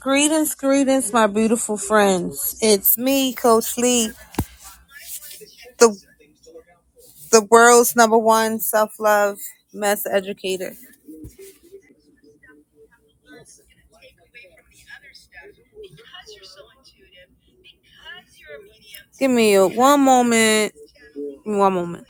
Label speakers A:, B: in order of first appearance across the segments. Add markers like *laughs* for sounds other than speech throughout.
A: Greetings, greetings, my beautiful friends. It's me, Coach Lee, the the world's number one self love mess educator. Give me a, one moment. Give me One moment.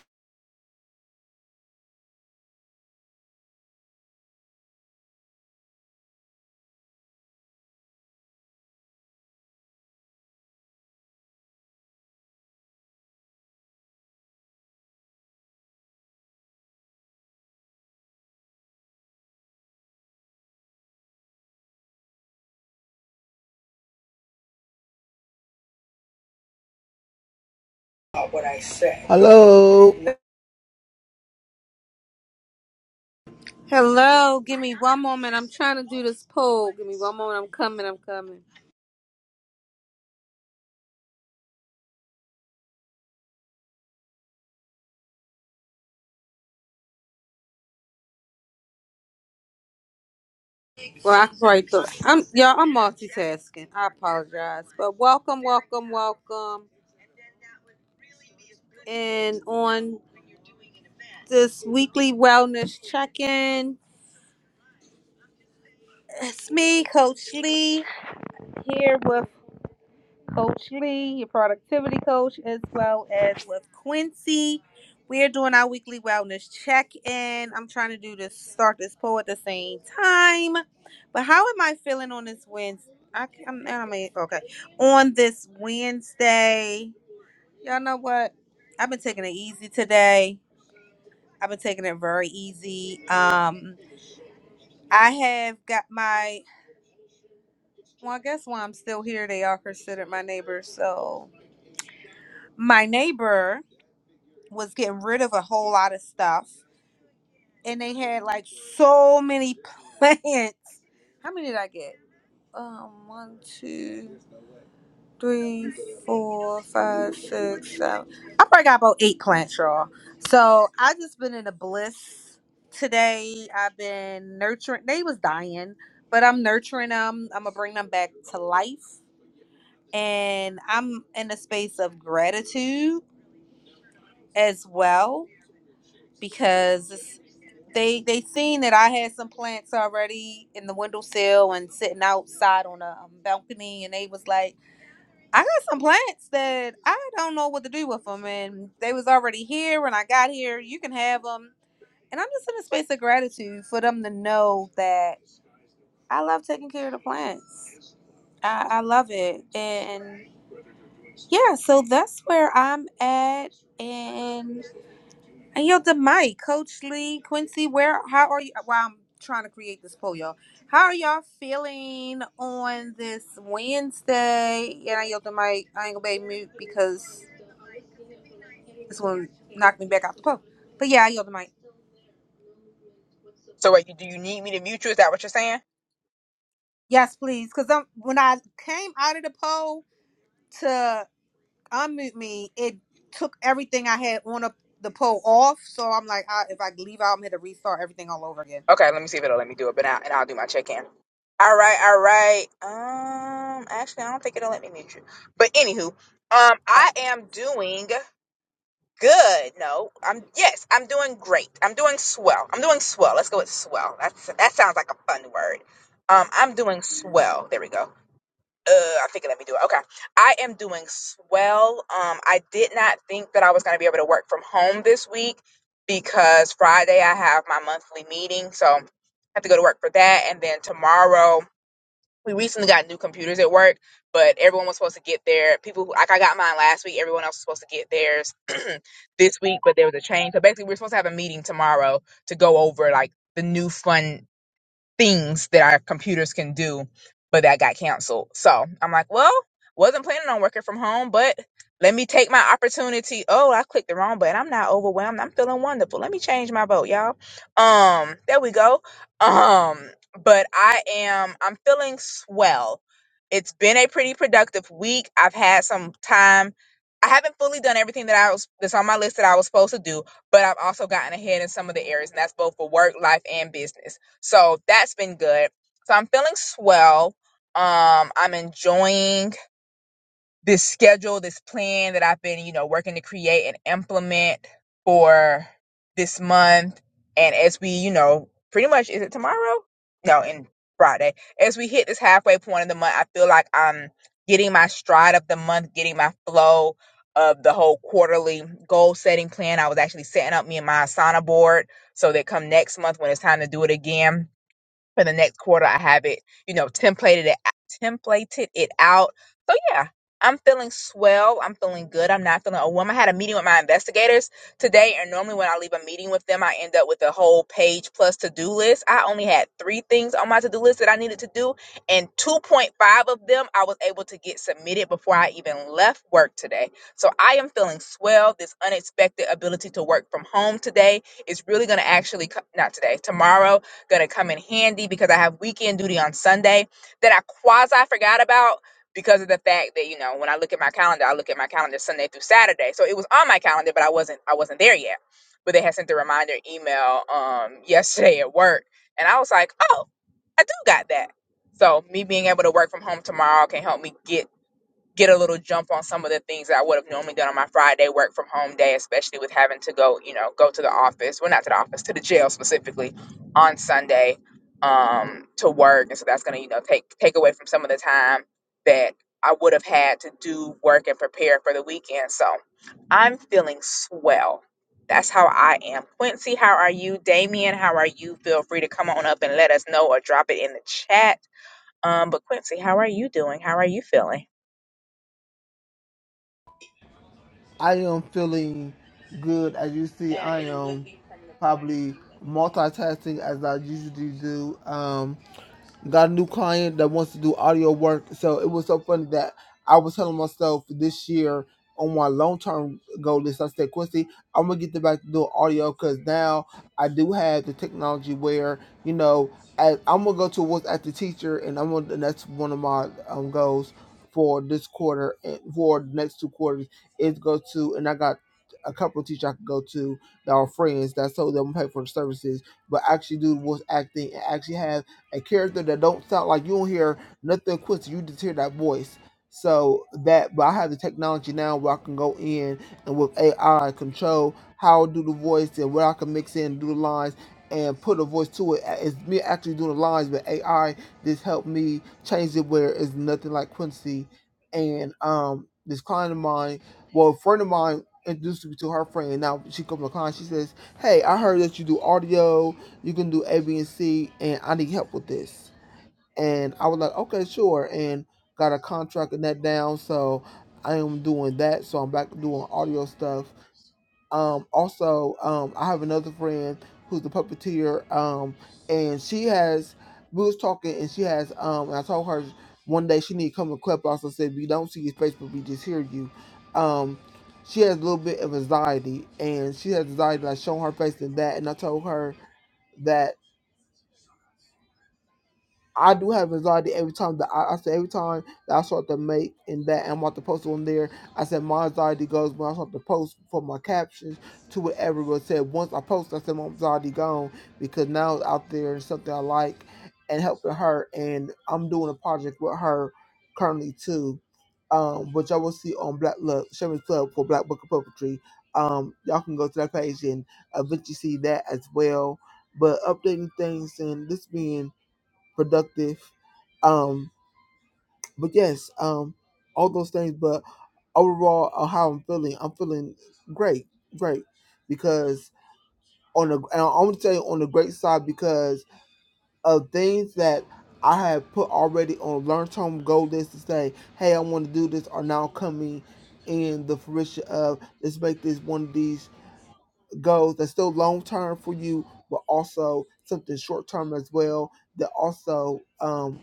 B: about what I said. Hello.
A: Hello, give me one moment. I'm trying to do this poll. Give me one moment. I'm coming. I'm coming. Well, I can probably throw. I'm y'all. I'm multitasking. I apologize, but welcome, welcome, welcome. And on this weekly wellness check-in, it's me, Coach Lee, here with Coach Lee, your productivity coach, as well as with Quincy. We are doing our weekly wellness check in. I'm trying to do this, start this poll at the same time. But how am I feeling on this Wednesday? I can't, I'm, I mean, okay. On this Wednesday, y'all know what? I've been taking it easy today. I've been taking it very easy. Um, I have got my, well, I guess while I'm still here, they are considered my neighbors. So my neighbor was getting rid of a whole lot of stuff and they had like so many *laughs* plants. How many did I get? Um, one, two, three, four, five, six, seven. I probably got about eight plants, y'all. So I just been in a bliss today. I've been nurturing. They was dying, but I'm nurturing them. I'm gonna bring them back to life, and I'm in a space of gratitude as well because They they seen that I had some plants already in the windowsill and sitting outside on a um, balcony, and they was like, "I got some plants that I don't know what to do with them, and they was already here when I got here. You can have them." And I'm just in a space of gratitude for them to know that I love taking care of the plants. I, I love it, and yeah, so that's where I'm at, and And yo, the mic, Coach Lee, Quincy, where, how are you? While I'm trying to create this poll, y'all. How are y'all feeling on this Wednesday? And I yelled the mic. I ain't gonna be mute because this one knocked me back out the poll. But yeah, I yelled the mic.
C: So wait, you, do you need me to mute you? Is that what you're saying?
A: Yes, please. Because I'm when I came out of the poll to unmute me, it took everything I had on a, the poll off. So I'm like, I, if I leave out, I'm gonna to restart everything all over again.
C: Okay, let me see if it'll let me do it, but now and I'll do my check in. All right, all right. Um, actually, I don't think it'll let me mute you. But anywho, um, I am doing good. No, I'm yes, I'm doing great. I'm doing swell. I'm doing swell. Let's go with swell. That's that sounds like a fun word. Um, I'm doing swell. There we go. uh, I think it let me do it. Okay. I am doing swell. Um, I did not think that I was going to be able to work from home this week because Friday I have my monthly meeting. So I have to go to work for that. And then tomorrow, we recently got new computers at work, but everyone was supposed to get their People, who, like I got mine last week, everyone else was supposed to get theirs *clears throat* this week, but there was a change. So basically, we're supposed to have a meeting tomorrow to go over like the new fun things that our computers can do, but that got canceled. So I'm like, well, wasn't planning on working from home, but let me take my opportunity. Oh, I clicked the wrong button. I'm not overwhelmed. I'm feeling wonderful. Let me change my vote, y'all. Um, there we go. Um, but I am I'm feeling swell. It's been a pretty productive week. I've had some time. I haven't fully done everything that I was that's on my list that I was supposed to do, but I've also gotten ahead in some of the areas, and that's both for work, life, and business. So that's been good. So I'm feeling swell. Um, I'm enjoying this schedule, this plan that I've been, you know, working to create and implement for this month. And as we, you know, pretty much is it tomorrow? No, in Friday. As we hit this halfway point of the month, I feel like I'm getting my stride of the month, getting my flow of the whole quarterly goal setting plan. I was actually setting up me and my Asana board so that come next month when it's time to do it again for the next quarter. I have it, you know, templated it, templated it out. So yeah, I'm feeling swell. I'm feeling good. I'm not feeling overwhelmed. I had a meeting with my investigators today, and normally when I leave a meeting with them, I end up with a whole page plus to do list. I only had three things on my to do list that I needed to do, and 2.5 of them I was able to get submitted before I even left work today. So I am feeling swell. This unexpected ability to work from home today is really going to actually co- not today, tomorrow gonna come in handy because I have weekend duty on Sunday that I quasi forgot about because of the fact that you know when I look at my calendar, I look at my calendar Sunday through Saturday. So it was on my calendar, but I wasn't I wasn't there yet. But they had sent the reminder email um, *laughs* yesterday at work, and I was like, oh, I do got that. So me being able to work from home tomorrow can help me get get a little jump on some of the things that I would have normally done on my Friday work from home day, especially with having to go, you know, go to the office. Well, not to the office, to the jail specifically on Sunday um, to work, and so that's going to, you know, take take away from some of the time that I would have had to do work and prepare for the weekend. So I'm feeling swell. That's how I am. Quincy, how are you? Damien, how are you? Feel free to come on up and let us know or drop it in the chat. Um, but Quincy, how are you doing? How are you feeling?
B: I am feeling good. As you see, I am probably multitasking as I usually do. Um, got a new client that wants to do audio work. So it was so funny that I was telling myself this year on my long term goal list, I said, Quincy, I'm gonna get back to doing audio because now I do have the technology where you know I, I'm gonna go to what's at the teacher, and I'm gonna, and that's one of my um, goals for this quarter and for the next two quarters is go to, and I got a couple of teachers I could go to that are friends that I told them pay for the services, but actually do what's acting and actually have a character that don't sound like you don't hear nothing Quincy. You just hear that voice. So that, but I have the technology now where I can go in and with AI control how I do the voice and where I can mix in, do the lines, and put a voice to it. It's me actually doing the lines, but AI this helped me change it where it's nothing like Quincy. And um, this client of mine, well, a friend of mine introduced me to her friend. Now she comes to the client. She says, "Hey, I heard that you do audio." you can do A, B, and C, and I need help with this. And I was like, okay, sure. And got a contract and that down. So I am doing that. So I'm back doing audio stuff. Um, also, um, I have another friend who's a puppeteer. Um, and she has, we was talking and she has, um, and I told her one day she need to come to Clubhouse and said, we don't see your face, but we just hear you. Um, she has a little bit of anxiety and she has anxiety like showing her face and that. And I told her, that I do have anxiety every time that I, I said every time that I start to make and that and want to post on there. I said my anxiety goes when I start to post for my captions to what everyone said. Once I post, I said my anxiety gone because now it's out there and something I like and helping her and I'm doing a project with her currently too. Um, which y'all will see on Black Look Shaman's Club for Black Book of Puppetry. Um, y'all can go to that page and eventually see that as well. But updating things and this being productive. Um, but yes, um, all those things. But overall, uh, how I'm feeling, I'm feeling great, great, because on the and I'm gonna tell you on the great side because of things that I have put already on learn term goal list to say, hey, I want to do this are now coming in the fruition of let's make this one of these goals that's still long term for you, but also something short term as well. That also um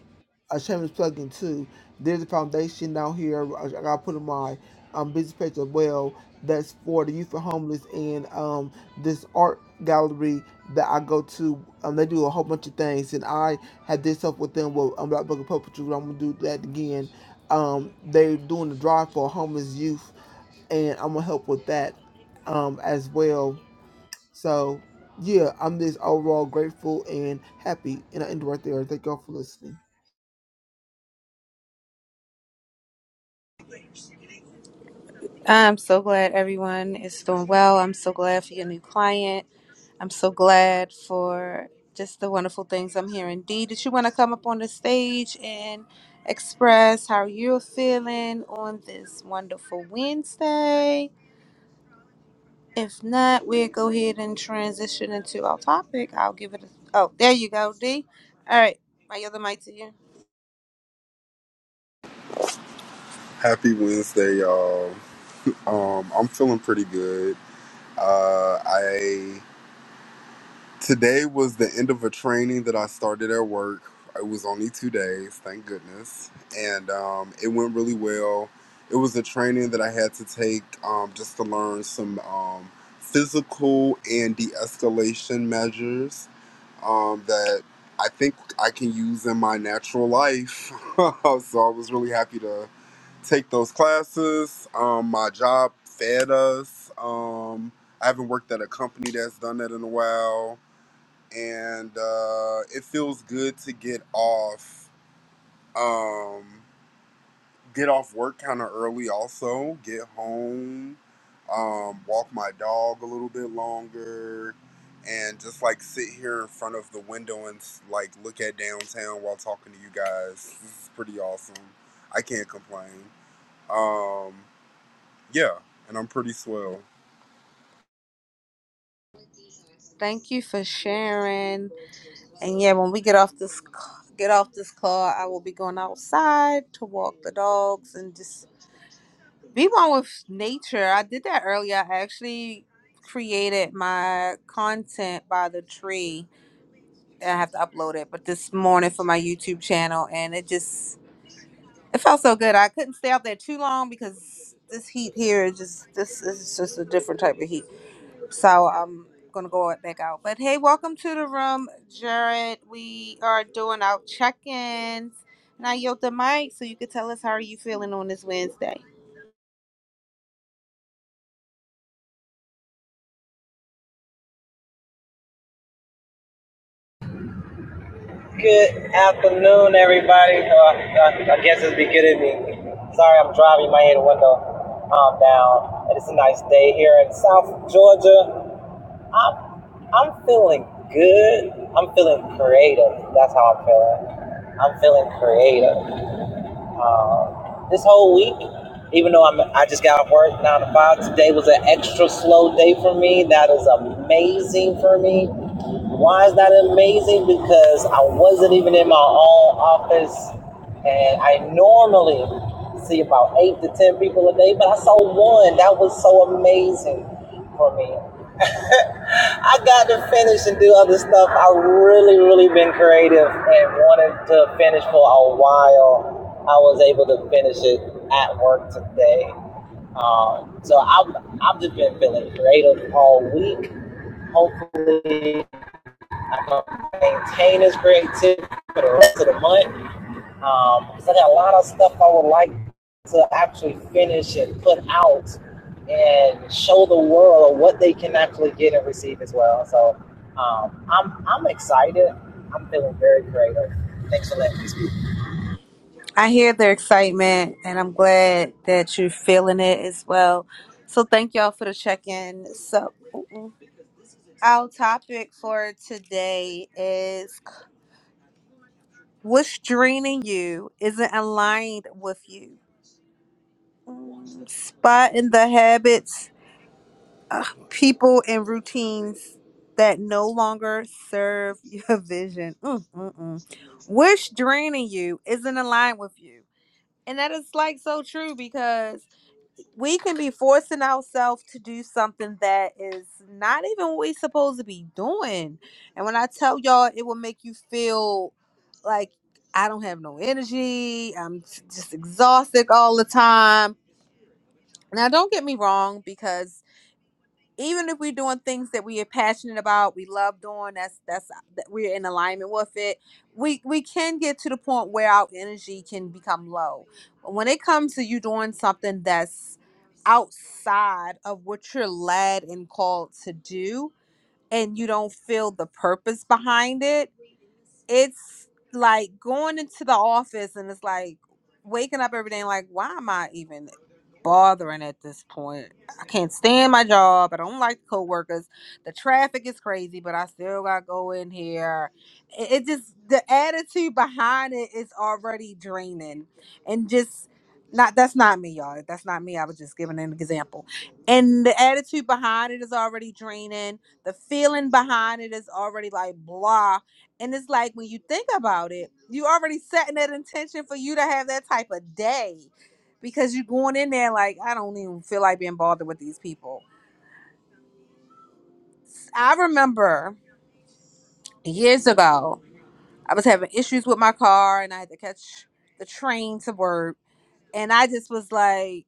B: a shameless plug in too. There's a foundation down here. I, I gotta put in my um business page as well. That's for the youth and homeless and um this art gallery that I go to. Um, they do a whole bunch of things, and I had this up with them with um, Black Book of Puppetry. but I'm gonna do that again. Um, they're doing the drive for homeless youth, and I'm gonna help with that um as well so, yeah, I'm just overall grateful and happy. And I end right there. Thank y'all for listening.
A: I'm so glad everyone is doing well. I'm so glad for your new client. I'm so glad for just the wonderful things I'm hearing. Dee, did you want to come up on the stage and express how you're feeling on this wonderful Wednesday? If not, we'll go ahead and transition into our topic. I'll give it a. Oh, there you go, Dee. All right. My other mic to you.
D: Happy Wednesday, y'all. Um, I'm feeling pretty good. Uh, I today was the end of a training that I started at work. It was only two days, thank goodness, and um, it went really well. It was a training that I had to take um, just to learn some um, physical and de-escalation measures um, that I think I can use in my natural life. *laughs* so I was really happy to take those classes. Um, my job fed us. Um, I haven't worked at a company that's done that in a while, and uh, it feels good to get off. Um, get off work kind of early. Also, get home, um, walk my dog a little bit longer. And just like sit here in front of the window and like look at downtown while talking to you guys. This is pretty awesome. I can't complain. Um, yeah, and I'm pretty swell.
A: Thank you for sharing. And yeah, when we get off this c- get off this car, I will be going outside to walk the dogs and just be one with nature. I did that earlier. I actually created my content by the tree. And I have to upload it, but this morning for my YouTube channel, and it just it felt so good. I couldn't stay out there too long because this heat here is just this is just a different type of heat. So I'm gonna go back out. But hey, welcome to the room, Jared. We are doing our check-ins. And I yield the mic so you can tell us how are you feeling on this Wednesday.
E: Good afternoon, everybody. Uh, I I guess it's beginning. good Sorry, I'm driving my head window um, down. And It's a nice day here in South Georgia. I'm I'm feeling good. I'm feeling creative. That's how I'm feeling. I'm feeling creative. Uh, this whole week, even though I'm, I just got off work nine to five, today was an extra slow day for me. That is amazing for me. Why is that amazing? Because I wasn't even in my own office, and I normally see about eight to ten people a day, but I saw one. That was so amazing for me. I got to finish and do other stuff. I really, really been creative and wanted to finish for a while. I was able to finish it at work today. Um, so I've, I've just been feeling creative all week. Hopefully, I can maintain this creativity for the rest of the month um, 'cause I got a lot of stuff I would like to actually finish and put out and show the world what they can actually get and receive as well. So um, I'm I'm excited. I'm feeling very creative. Thanks for letting me speak.
A: I hear the excitement and I'm glad that you're feeling it as well. So thank y'all for the check-in. So Our topic for today is what's draining you isn't aligned with you. Mm, Spotting the habits, uh, people, and routines that no longer serve *laughs* your vision. Mm, mm, mm. What's draining you isn't aligned with you. And that is like so true because we can be forcing ourselves to do something that is not even what we supposed to be doing. And when I tell y'all, it will make you feel like I don't have no energy. I'm just exhausted all the time. Now, don't get me wrong, because even if we're doing things that we are passionate about, we love doing, that's that's that we're in alignment with it. We we can get to the point where our energy can become low. When it comes to you doing something that's outside of what you're led and called to do and you don't feel the purpose behind it, it's like going into the office and it's like waking up every day and like why am i even bothering at this point i can't stand my job i don't like the coworkers the traffic is crazy but i still gotta go in here it, it just the attitude behind it is already draining and just not that's not me y'all that's not me i was just giving an example and the attitude behind it is already draining the feeling behind it is already like blah and it's like when you think about it, you already setting that intention for you to have that type of day because you're going in there like, I don't even feel like being bothered with these people. I remember years ago, I was having issues with my car and I had to catch the train to work. And I just was like,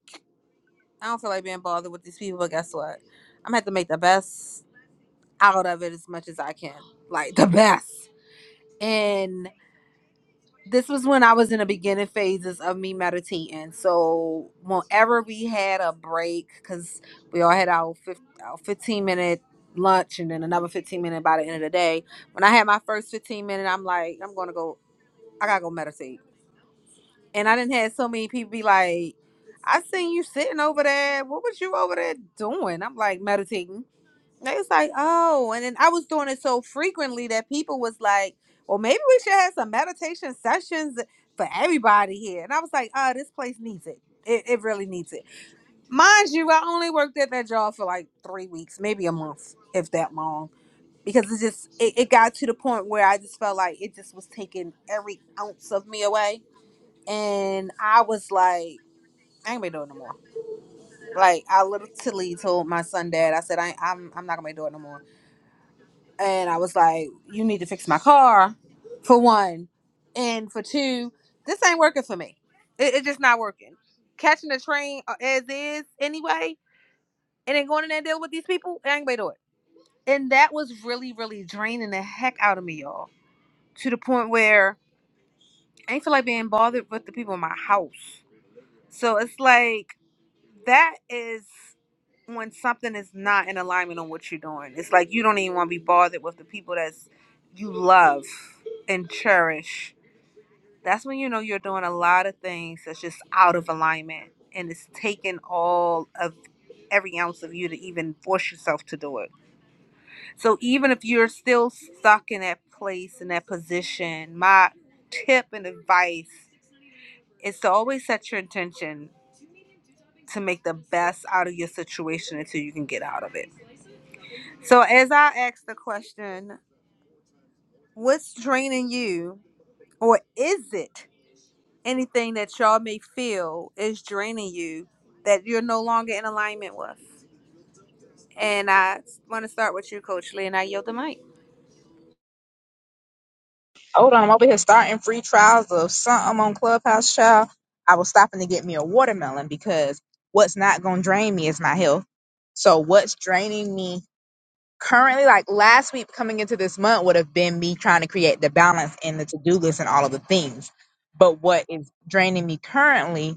A: I don't feel like being bothered with these people, but guess what? I'm gonna have to make the best out of it as much as I can. Like the best. And this was when I was in the beginning phases of me meditating. So whenever we had a break, because we all had our, fif- our 15 minute lunch and then another 15 minute by the end of the day. When I had my first 15 minute, I'm like, I'm gonna go, I gotta go meditate. And I didn't have so many people be like, I seen you sitting over there. What was you over there doing? I'm like meditating. They was like, oh, and then I was doing it so frequently that people was like, well, maybe we should have some meditation sessions for everybody here. And I was like, oh, this place needs it. It, it really needs it. Mind you, I only worked at that job for like three weeks, maybe a month, if that long. Because it just it, it got to the point where I just felt like it just was taking every ounce of me away. And I was like, I ain't gonna do it no more. Like I literally told my son dad, I said, I I'm I'm not gonna do it no more and I was like, "You need to fix my car, for one, and for two, this ain't working for me. It, it's just not working. Catching the train uh, as is anyway, and then going in there and dealing with these people, I ain't gonna do it. And that was really, really draining the heck out of me, y'all, to the point where I ain't feel like being bothered with the people in my house. So it's like That is when something is not in alignment on what you're doing. It's like you don't even want to be bothered with the people that's you love and cherish. That's when you know you're doing a lot of things that's just out of alignment and it's taking all of every ounce of you to even force yourself to do it. So even if you're still stuck in that place in that position, my tip and advice is to always set your intention to make the best out of your situation until you can get out of it. So, as I ask the question, what's draining you, or is it anything that y'all may feel is draining you that you're no longer in alignment with? And I want to start with you, Coach Lee, and I yield the mic.
C: Hold on, I'm over here starting free trials of something on Clubhouse, child. I was stopping to get me a watermelon because what's not going to drain me is my health. So, what's draining me currently, like last week coming into this month, would have been me trying to create the balance and the to do list and all of the things. But what is draining me currently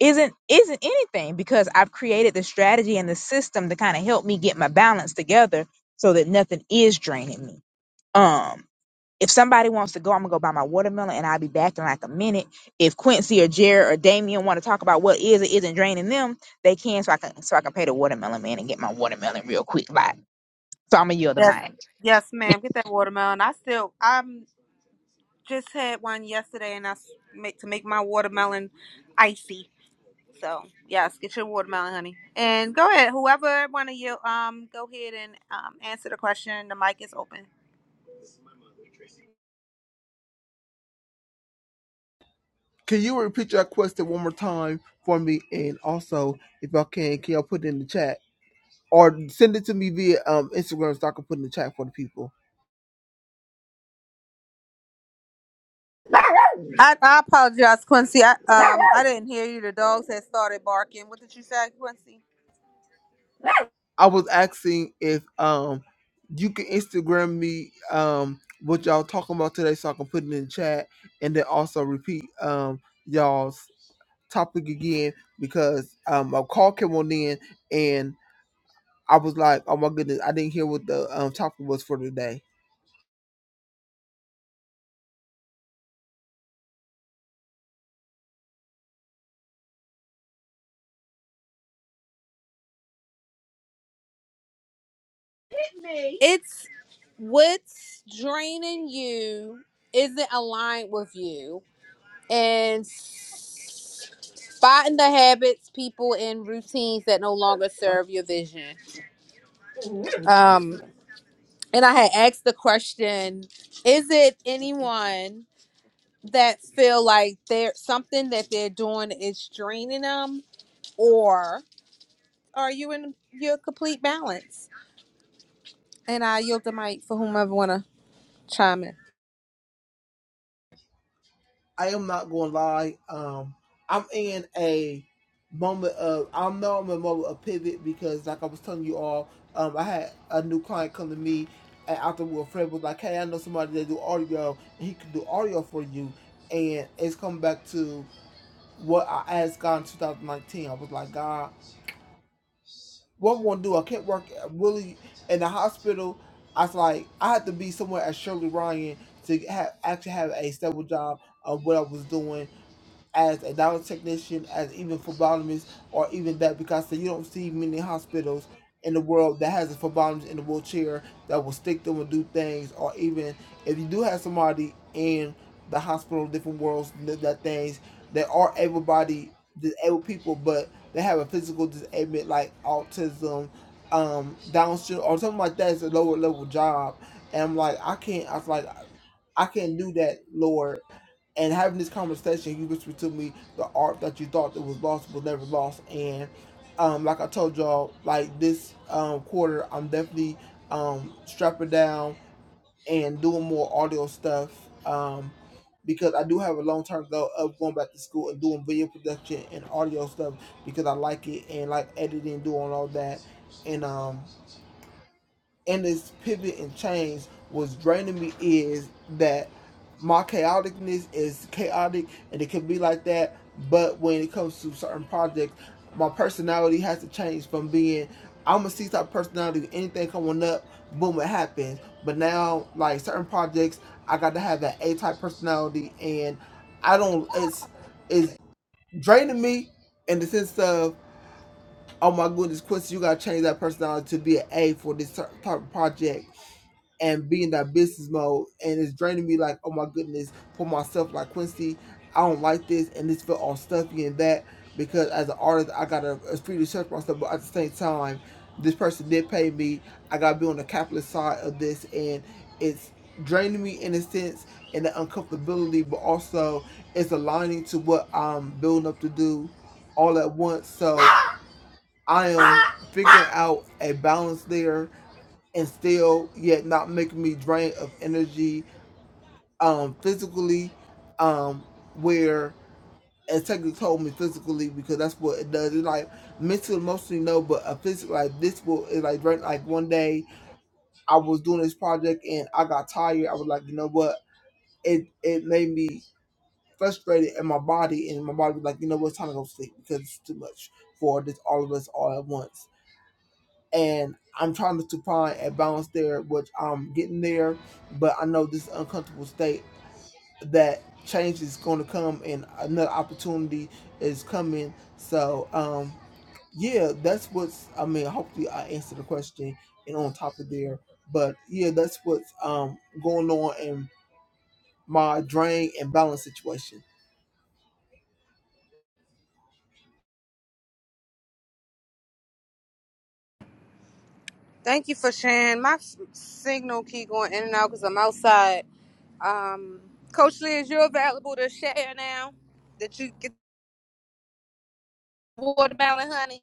C: isn't isn't anything because I've created the strategy and the system to kind of help me get my balance together so that nothing is draining me. Um if somebody wants to go, I'm gonna go buy my watermelon and I'll be back in like a minute. If Quincy or Jared or Damien want to talk about what is or isn't draining them, they can so I can so I can pay the watermelon man and get my watermelon real quick. Like so I'm gonna yield the
A: Yes,
C: mic.
A: yes, ma'am. Get that watermelon. I still, I'm just had one yesterday, and I s- make to make my watermelon icy. So yes, get your watermelon, honey. And go ahead, whoever one of you, um, go ahead and um answer the question. The mic is open.
B: Can you repeat your question one more time for me? And also, if y'all can, can y'all put it in the chat or send it to me via um, Instagram so I can put it in the chat for the people.
A: I, I apologize, Quincy. I um I didn't hear you. The dogs had started barking. What did you say, Quincy?
B: I was asking if um you can Instagram me um what y'all talking about today so I can put it in the chat and then also repeat um y'all's topic again because um a call came on in and. I was like, oh my goodness, I didn't hear what the um, topic was for today.
A: It's what's draining you isn't aligned with you, and spotting the habits, people, and routines that no longer serve your vision. Um. and I had asked the question, is it anyone that feel like they're something that they're doing is draining them or are you in your complete balance? And I yield the mic for whomever wanna chime in.
B: I am not going to lie. Um, I'm in a moment of I know I'm in a moment of pivot because, like I was telling you all, um, I had a new client come to me and after we were friends was like, "Hey, I know somebody that do audio and he can do audio for you," and it's coming back to what I asked God in 2019. I was like, God, what I'm gonna do? I can't work really in the hospital. I was like, I had to be somewhere at Shirley Ryan to have actually have a stable job of what I was doing as a dialysis technician, as even phlebotomist, or even that because you don't see many hospitals in the world that has a phlebotomist in a wheelchair that will stick them and do things, or even if you do have somebody in the hospital, different worlds, that things that are able-bodied, disabled people, but they have a physical disablement like autism, um, Down syndrome, or something like that. It's a lower level job, and I'm like, I can't. I was like, I can't do that, Lord. And having this conversation, you whispered to me the art that you thought that was lost was never lost. And um, like I told y'all, like this um, quarter, I'm definitely um, strapping down and doing more audio stuff um, because I do have a long term goal of going back to school and doing video production and audio stuff because I like it and like editing, doing all that. And um, and this pivot and change was draining me is that my chaoticness is chaotic and it can be like that but when it comes to certain projects my personality has to change from being i'm a c-type personality anything coming up boom it happens but now like certain projects i got to have that a-type personality and i don't it's it's draining me in the sense of oh my goodness quincy you gotta change that personality to be an a for this certain type of project and be in that business mode and it's draining me like oh my goodness for myself like quincy i don't like this and this felt all stuffy and that because as an artist i gotta freely free search myself but at the same time this person did pay me i gotta be on the capitalist side of this and it's draining me in a sense and the uncomfortability but also it's aligning to what i'm building up to do all at once so i am figuring out a balance there and still yet not making me drain of energy um physically um where it technically told me physically because that's what it does it's like mentally emotionally no but a physical like this will it like drain like one day i was doing this project and i got tired i was like you know what it it made me frustrated in my body and my body was like you know what it's time to go sleep because it's too much for this all of us all at once and I'm trying to find a balance there, which I'm getting there. But I know this uncomfortable state that change is going to come, and another opportunity is coming. So, um, yeah, that's what's. I mean, hopefully, I answered the question and on top of there. But yeah, that's what's um going on in my drain and balance situation.
A: Thank you for sharing. My s- signal keep going in and out because I'm outside. Um, Coach Lee, is you available to share now? That you get watermelon honey?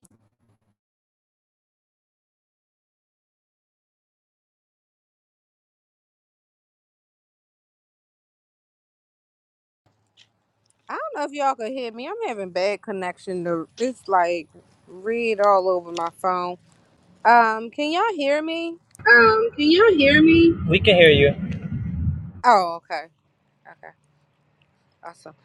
A: I don't know if y'all could hear me. I'm having bad connection to it's like read all over my phone. Um, can y'all hear me?
E: Um, can y'all hear me?
A: Oh, okay. Okay. Awesome.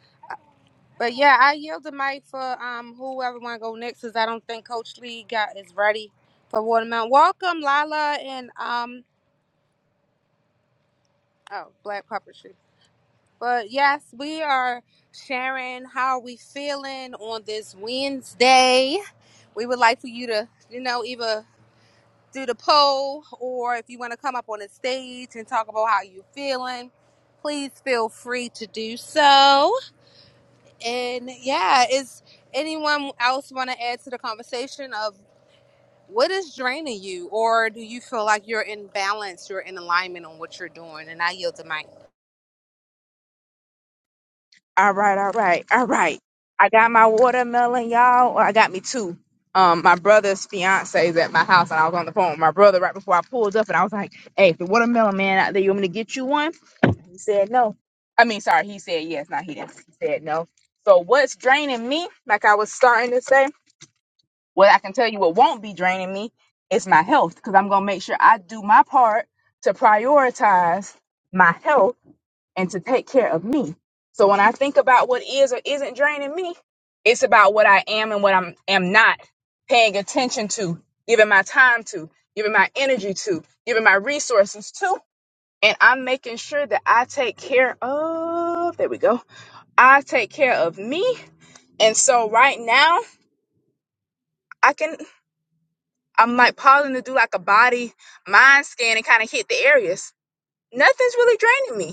A: But yeah, I yield the mic for um whoever wanna go next because I don't think Coach Lee got is ready for Watermelon. Welcome Lala and um oh Black Pepper Shoe. But yes, we are sharing how we feeling on this Wednesday. We would like for you to, you know, either do the poll or if you want to come up on the stage and talk about how you're feeling please feel free to do so and yeah is anyone else want to add to the conversation of what is draining you or do you feel like you're in balance you're in alignment on what you're doing and i yield the mic
C: All right, all right, all right. I got my watermelon, y'all. Or I got me two. Um, my brother's fiance is at my house, and I was on the phone with my brother right before I pulled up, and I was like, "Hey, if the watermelon man out there, you want me to get you one?" He said no. I mean, sorry, he said yes. Not he didn't. He said no. So what's draining me? Like I was starting to say, well, I can tell you what won't be draining me is my health, because I'm gonna make sure I do my part to prioritize my health and to take care of me. So when I think about what is or isn't draining me, it's about what I am and what I'm not paying attention to, giving my time to, giving my energy to, giving my resources to. And I'm making sure that I take care of, there we go. I take care of me. And so right now I can, I'm like pausing to do like a body mind scan and kind of hit the areas. Nothing's really draining me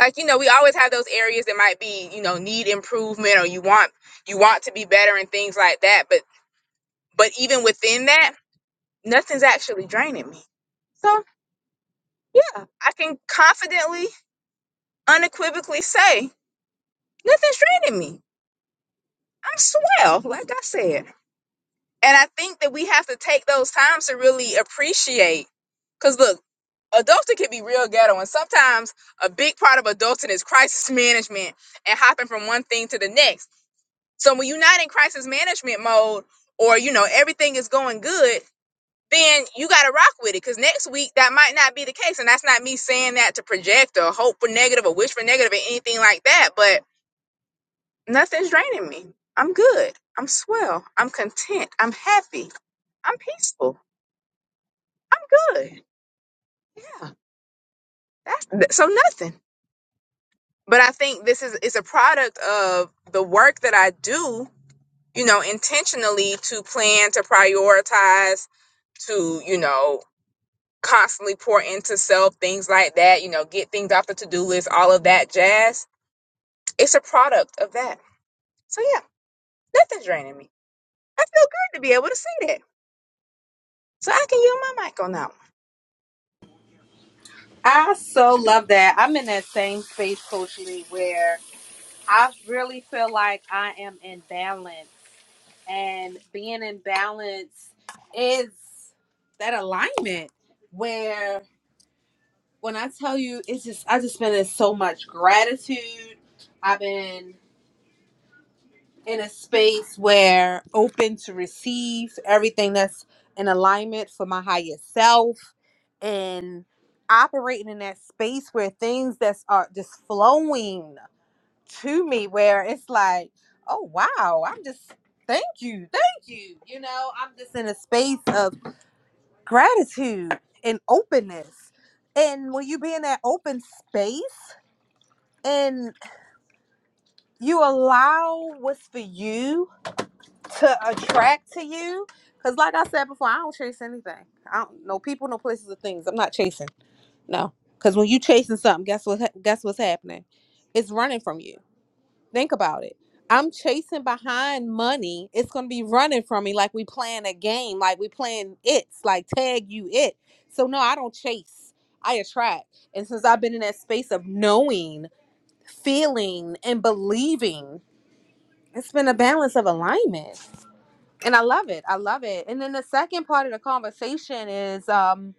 C: like you know we always have those areas that might be you know need improvement or you want you want to be better and things like that but but even within that nothing's actually draining me so yeah i can confidently unequivocally say nothing's draining me i'm swell like i said and i think that we have to take those times to really appreciate because look adulting can be real ghetto and sometimes a big part of adulting is crisis management and hopping from one thing to the next So when you're not in crisis management mode, or you know everything is going good, then you got to rock with it because next week that might not be the case, and that's not me saying that to project or hope for negative or wish for negative or anything like that. But nothing's draining me. I'm good. I'm swell. I'm content. I'm happy. I'm peaceful. I'm good. Yeah, that's th- so nothing. But I think this is is a product of the work that I do. You know, intentionally to plan, to prioritize, to, you know, constantly pour into self, things like that, you know, get things off the to do list, all of that jazz. It's a product of that. So, yeah, nothing's draining me. I feel good to be able to see that. So, I can yield my mic on that one.
A: I so love that. I'm in that same space, Coach Lee, where I really feel like I am in balance, and being in balance is that alignment. Where when I tell you, it's just I just been in so much gratitude. I've been in a space where open to receive everything that's in alignment for my higher self, and operating in that space where things that's are just flowing to me where it's like, oh wow, I'm just thank you, thank you. You know, I'm just in a space of gratitude and openness. And when you be in that open space and you allow what's for you to attract to you, because like I said before, I don't chase anything. I don't know people, no places or things. I'm not chasing. No. Because when you chasing something, guess what? Guess what's happening? It's running from you Think about it. I'm chasing behind money. It's gonna be running from me like we playing a game, like we playing it's like tag you it. So no, I don't chase. I attract. And since I've been in that space of knowing, feeling, and believing, it's been a balance of alignment. And I love it. I love it. And then the second part of the conversation is um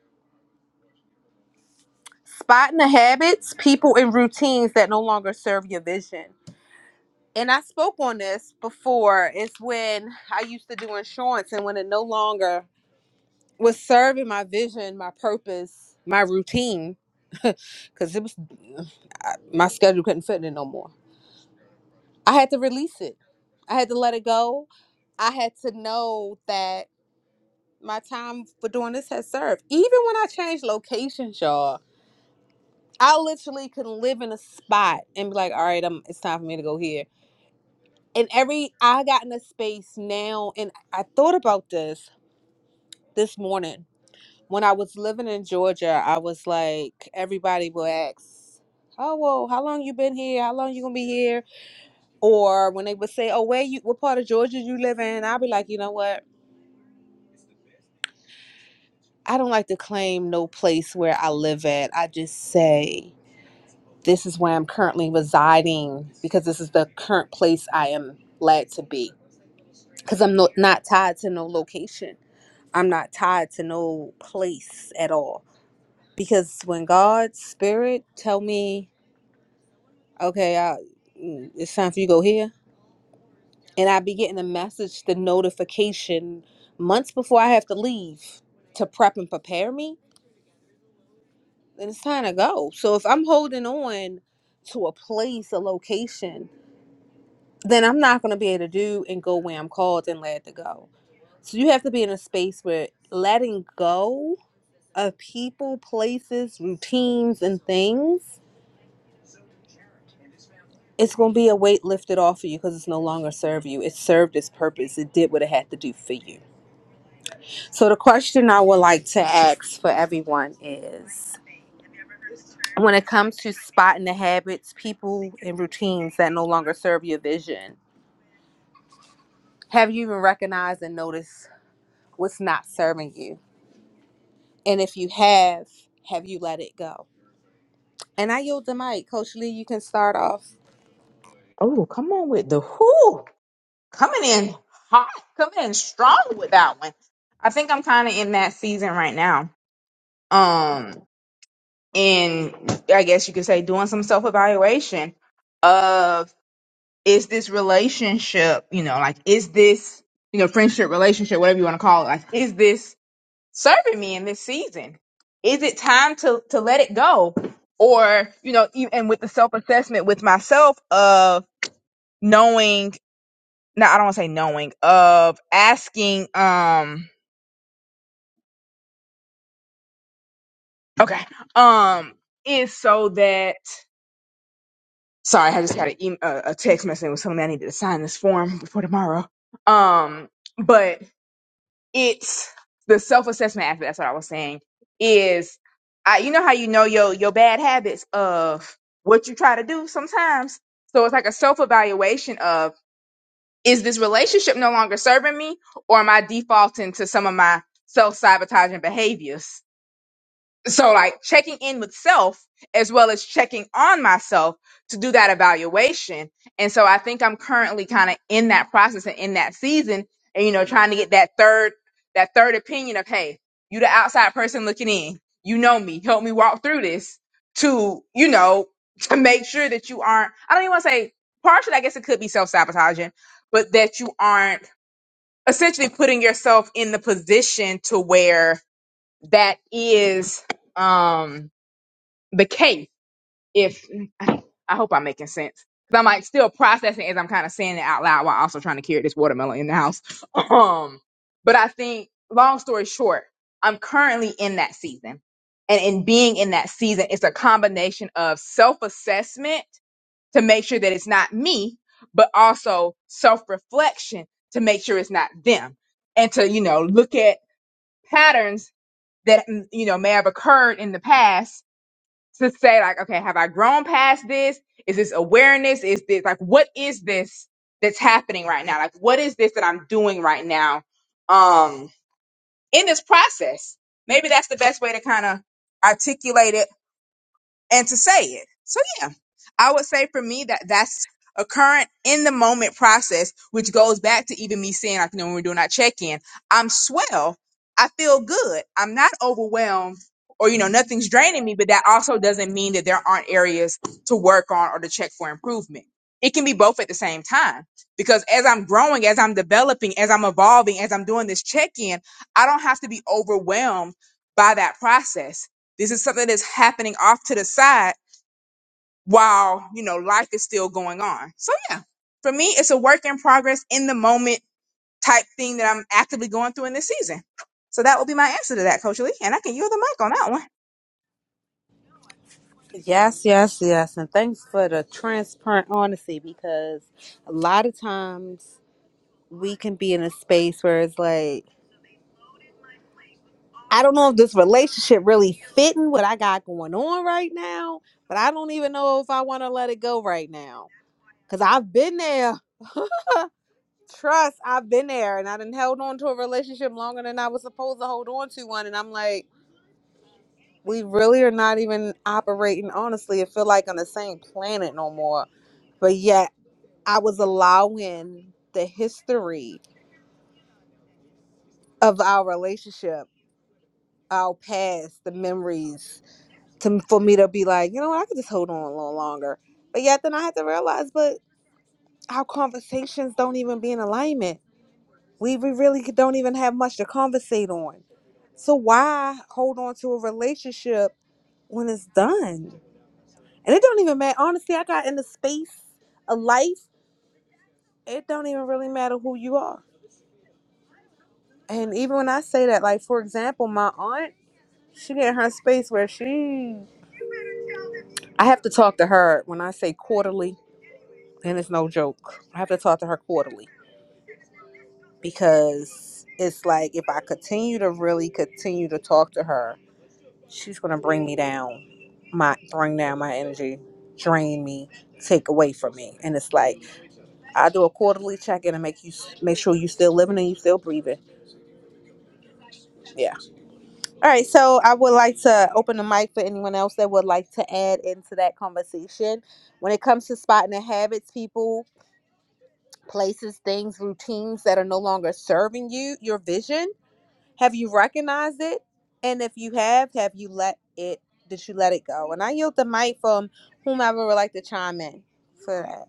A: spotting the habits, people, and routines that no longer serve your vision. and I spoke on this before. It's when I used to do insurance and when it no longer was serving my vision, my purpose, my routine, *laughs* because it was I- my schedule couldn't fit in it no more. I had to release it. I had to let it go. I had to know that my time for doing this had served. Even when I changed locations, y'all, I literally could live in a spot and be like, "All right, I'm, it's time for me to go here." and every I got in a space now, and I thought about this this morning when I was living in Georgia. I was like, everybody will ask, "Oh, well, how long you been here? How long you gonna be here?" Or when they would say, "Oh, where you? What part of Georgia you live in?" I'd be like, you know what? I don't like to claim no place where I live at. I just say this is where I'm currently residing because this is the current place I am glad to be because I'm no, not tied to no location I'm not tied to no place at all. Because when God's spirit tell me, okay, I, mm, it's time for you to go here, and I be getting the message, the notification months before I have to leave to prep and prepare me, then it's time to go. So if I'm holding on to a place, a location, then I'm not gonna be able to do and go where I'm called and led to go. So you have to be in a space where letting go of people, places, routines, and things, it's going to be a weight lifted off of you because it's no longer serve you. It served its purpose. It did what it had to do for you. So the question I would like to ask for everyone is when it comes to spotting the habits, people, and routines that no longer serve your vision, have you even recognized and noticed what's not serving you? And if you have, have you let it go? And I yield the mic. Coach Lee, you can start off.
C: Oh, come on with the who Coming in hot, coming in strong with that one. I think I'm kind of in that season right now. Um, and I guess you could say doing some self evaluation of. is this relationship, you know, like, is this, you know, friendship, relationship, whatever you want to call it, like, is this serving me in this season? Is it time to, to let it go? Or, you know, e- and with the self assessment with myself of knowing, no, I don't want to say knowing, of asking, um, okay, um, is so that, sorry, I just got a, e- a a text message with something I needed to sign this form before tomorrow. Um, but it's the self assessment aspect. That's what I was saying. Is I, you know how you know your your bad habits of what you try to do sometimes. So it's like a self evaluation of is this relationship no longer serving me, or am I defaulting to some of my self sabotaging behaviors? So like checking in with self as well as checking on myself to do that evaluation. And so I think I'm currently kind of in that process and in that season and you know trying to get that third that third opinion of hey, you the outside person looking in. You know me. Help me walk through this to, you know, to make sure that you aren't I don't even want to say partially I guess it could be self-sabotaging, but that you aren't essentially putting yourself in the position to where that is um the case if I, I hope I'm making sense. i I'm like still processing as I'm kind of saying it out loud while also trying to carry this watermelon in the house. *laughs* *clears throat* Um, but I think long story short, I'm currently in that season. And in being in that season, it's a combination of self-assessment to make sure that it's not me, but also self-reflection to make sure it's not them. And to, you know, look at patterns that mm, you know may have occurred in the past to say like okay have i grown past this is this awareness is this like what is this that's happening right now like what is this that i'm doing right now um in this process maybe that's the best way to kind of articulate it and to say it. So yeah, I would say for me that that's a current in the moment process, which goes back to even me saying, like, you know, when we're doing our check in, I'm swell. I feel good. I'm not overwhelmed or, you know, nothing's draining me, but that also doesn't mean that there aren't areas to work on or to check for improvement. It can be both at the same time because as I'm growing, as I'm developing, as I'm evolving, as I'm doing this check in, I don't have to be overwhelmed by that process this is something that's happening off to the side while, you know, life is still going on. So yeah, for me, it's a work in progress in the moment type thing that I'm actively going through in this season. So that will be my answer to that, Coach Lee. And I can yield the mic on that one.
A: Yes, yes, yes. And thanks for the transparent honesty because a lot of times we can be in a space where it's like, I don't know if this relationship really fitting what I got going on right now, but I don't even know if I want to let it go right now. Cause I've been there. Trust, I've been there and I done held on to a relationship longer than I was supposed to hold on to one. And I'm like, we really are not even operating honestly. It feel like on the same planet no more. But yet I was allowing the history of our relationship, our past, the memories, to for me to be like, you know what, I could just hold on a little longer. But yet, then I had to realize, but our conversations don't even be in alignment. We we really don't even have much to conversate on. So why hold on to a relationship when it's done? And it don't even matter. Honestly, I got in the space of life. It don't even really matter who you are And even when I say that, like for example, my aunt, she get in her space where she I have to talk to her when I say quarterly, and it's no joke. I have to talk to her quarterly because it's like if I continue to really continue to talk to her, she's gonna bring me down, my bring down my energy, drain me, take away from me. And it's like I do a quarterly check in and make you make sure you still living and you still breathing. yeah. All right, so I would like to open the mic for anyone else that would like to add into that conversation. When it comes to spotting the habits, people, places, things, routines that are no longer serving you, your vision, have you recognized it? And if you have, have you let it, did you let it go? And I yield the mic from whomever would like to chime in for that.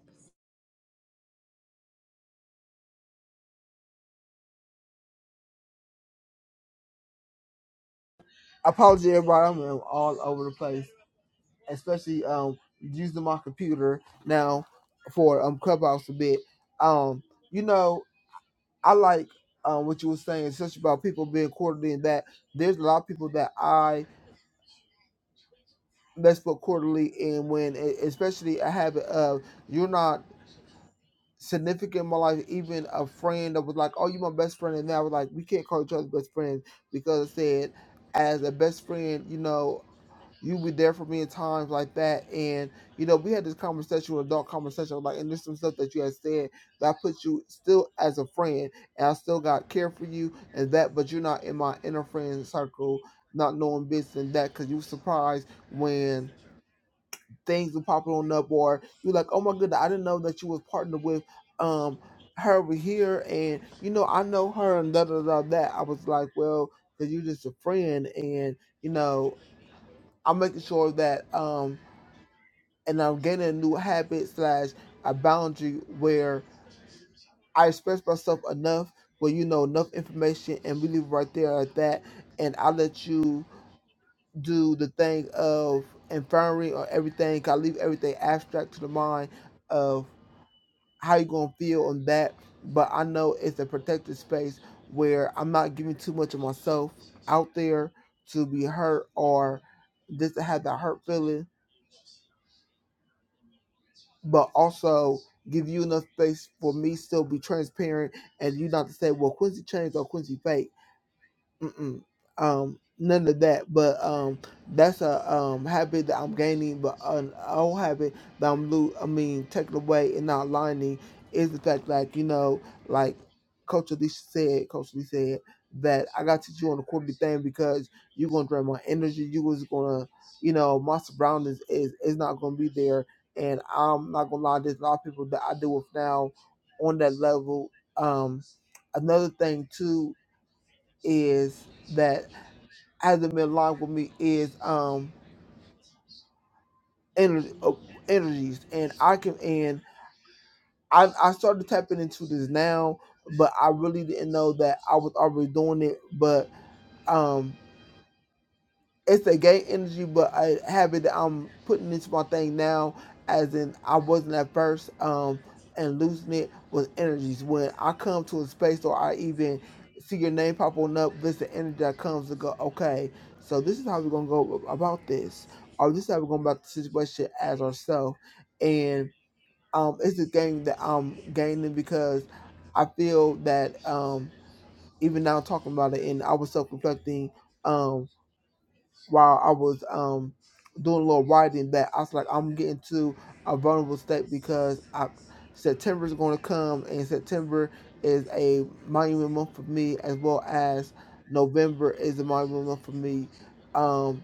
B: I apologize, everybody. I'm all over the place. especially um using my computer now for um clubhouse a bit. Um, you know, I like um what you were saying, especially about people being quarterly and that there's a lot of people that I mess with quarterly and when e- especially a habit of you're not significant in my life, even a friend that was like, Oh, you my best friend and now was like, we can't call each other best friends because I said as a best friend, you know, you be there for me in times like that. And you know, we had this conversation, adult conversation, like, and there's some stuff that you had said that I put you still as a friend, and I still got care for you and that, but you're not in my inner friend circle, not knowing this and that, because you were surprised when things were popping on up, or you're like, oh my goodness, I didn't know that you was partnered with um her over here, and you know, I know her and da da da that. I was like, well, because you're just a friend, and you know, I'm making sure that um and I'm gaining a new habit slash a boundary where I express myself enough where you know enough information and we leave it right there at that and I let you do the thing of inferring or everything. I leave everything abstract to the mind of how you gonna feel on that. But I know it's a protected space where I'm not giving too much of myself out there to be hurt or just to have that hurt feeling but also give you enough space for me still be transparent and you not to say, well, Quincy changed or Quincy fake. Mm-mm. Um, none of that. But um, that's a um habit that I'm gaining, but an old habit that I'm lo- I mean, taking away and not aligning is the fact, like you know, like Coach Alicia said, Coach Lee said that I got to teach you on the quarterly thing because you're gonna drain my energy. You was gonna, you know, Monster Brown is, is is not gonna be there, and I'm not gonna lie. There's a lot of people that I deal with now on that level. Um, another thing too is that hasn't been locked with me is um energy, uh, energies, and I can and I I started tapping into this now, but I really didn't know that I was already doing it, but um. it's a gay energy, but I have it. I'm putting into my thing now, as in I wasn't at first. Um, and losing it was energies. When I come to a space or I even see your name popping up, this is the energy that comes to go. Okay, so this is how we're gonna go about this, or this is how we're going about the situation as ourselves. And um, it's a game that I'm gaining because I feel that um, even now talking about it, and I was self reflecting. Um, while I was um doing a little writing that I was like, I'm getting to a vulnerable state because I September is going to come, and September is a monument month for me, as well as November is a monument month for me. Um,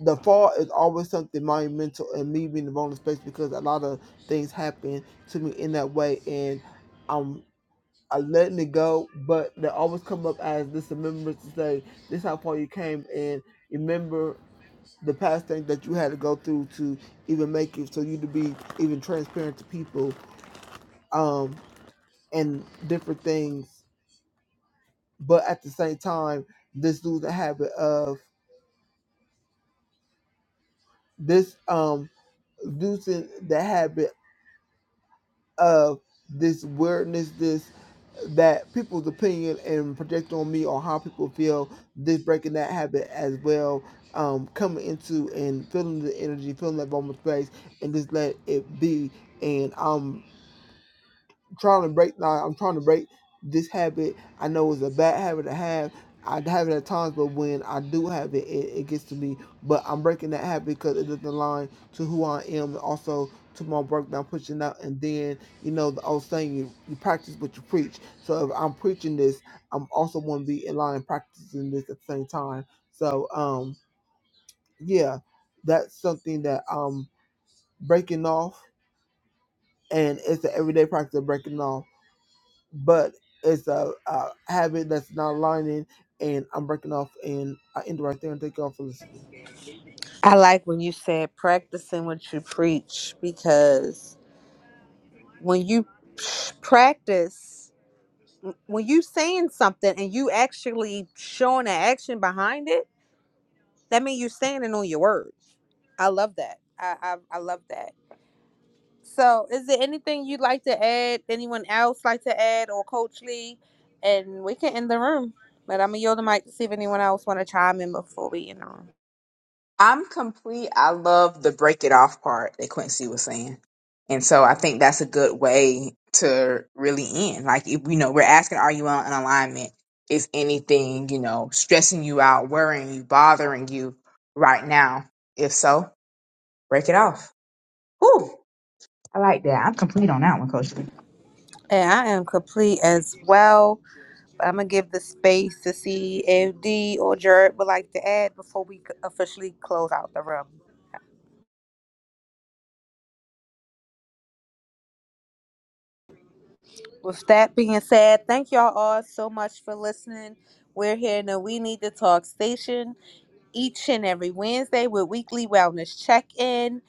B: the fall is always something monumental, and me being the vulnerable space because a lot of things happen to me in that way, and I'm. I'm letting it go, but they always come up as this remembrance to say, this is how far you came, and remember the past things that you had to go through to even make it so you to be even transparent to people um and different things but at the same time this lose the habit of this um losing the habit of this weirdness this that people's opinion and project on me or how people feel this breaking that habit as well um coming into and feeling the energy feeling that moment space and just let it be and I'm I'm trying to break like I'm trying to break this habit. I know it's a bad habit to have. I have it at times, but when I do have it, it, it gets to me. But I'm breaking that habit because it doesn't align to who I am, and also to my work that I'm pushing out. And then you know the old saying, you, you practice what you preach. So if I'm preaching this, I'm also going to be in line practicing this at the same time. So um yeah, that's something that I'm breaking off, and it's an everyday practice of breaking off but it's a, a habit that's not aligning, and I'm breaking off, and I end right there and take off. for listening.
A: I like when you said practicing what you preach because when you practice, when you saying something and you actually showing the action behind it, that means you standing on your words. I love that. I, I I love that. So, is there anything you'd like to add? Anyone else like to add, or Coach Lee? And we can end the room. But I'm gonna yield the mic to see if anyone else want to chime in before we end the room.
C: I'm complete. I love the break it off part that Quincy was saying. And so I think that's a good way to really end. Like, if, you know, we're asking, are you on an alignment? Is anything, you know, stressing you out, worrying you, bothering you right now? If so, Break it off. Whew. I like that. I'm complete on that one, Coach Lee.
A: And I am complete as well. But I'm gonna give the space to see if D or Jared would like to add before we c- officially close out the room. With that being said, thank y'all all so much for listening. We're here in the We Need to Talk station each and every Wednesday with weekly wellness check-in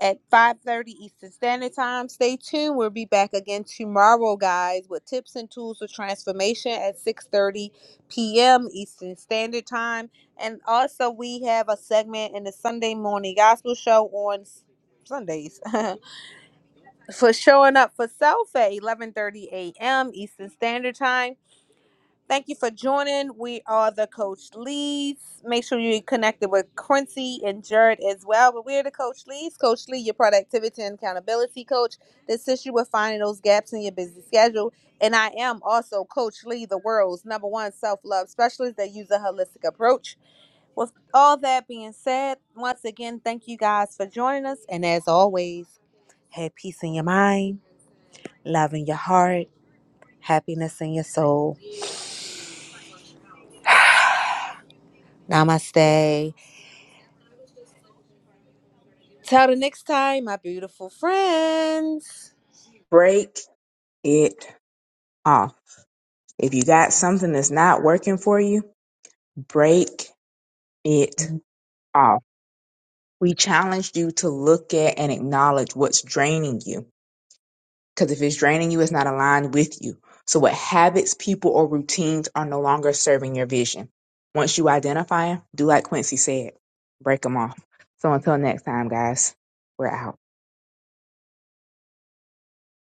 A: at 5:30 Eastern Standard Time. Stay tuned. We'll be back again tomorrow, guys, with tips and tools for transformation at 6:30 p.m. Eastern Standard Time. And also, we have a segment in the Sunday Morning Gospel Show on s- Sundays *laughs* for showing up for self at 11:30 a.m. Eastern Standard Time. Thank you for joining. We are the Coach Leads. Make sure you connected with Quincy and Jared as well. But we're the Coach Leads. Coach Lee, your productivity and accountability coach. This issue with finding those gaps in your busy schedule. And I am also Coach Lee, the world's number one self-love specialist that use a holistic approach. With all that being said, once again, thank you guys for joining us. And as always, have peace in your mind love in your heart, happiness in your soul. Namaste. Till the next time, my beautiful friends.
C: Break it off. If you got something that's not working for you, break it off. We challenged you to look at and acknowledge what's draining you. Because if it's draining you, it's not aligned with you. So, what habits, people, or routines are no longer serving your vision? Once you identify them, do like Quincy said break them off. So, until next time, guys, we're out.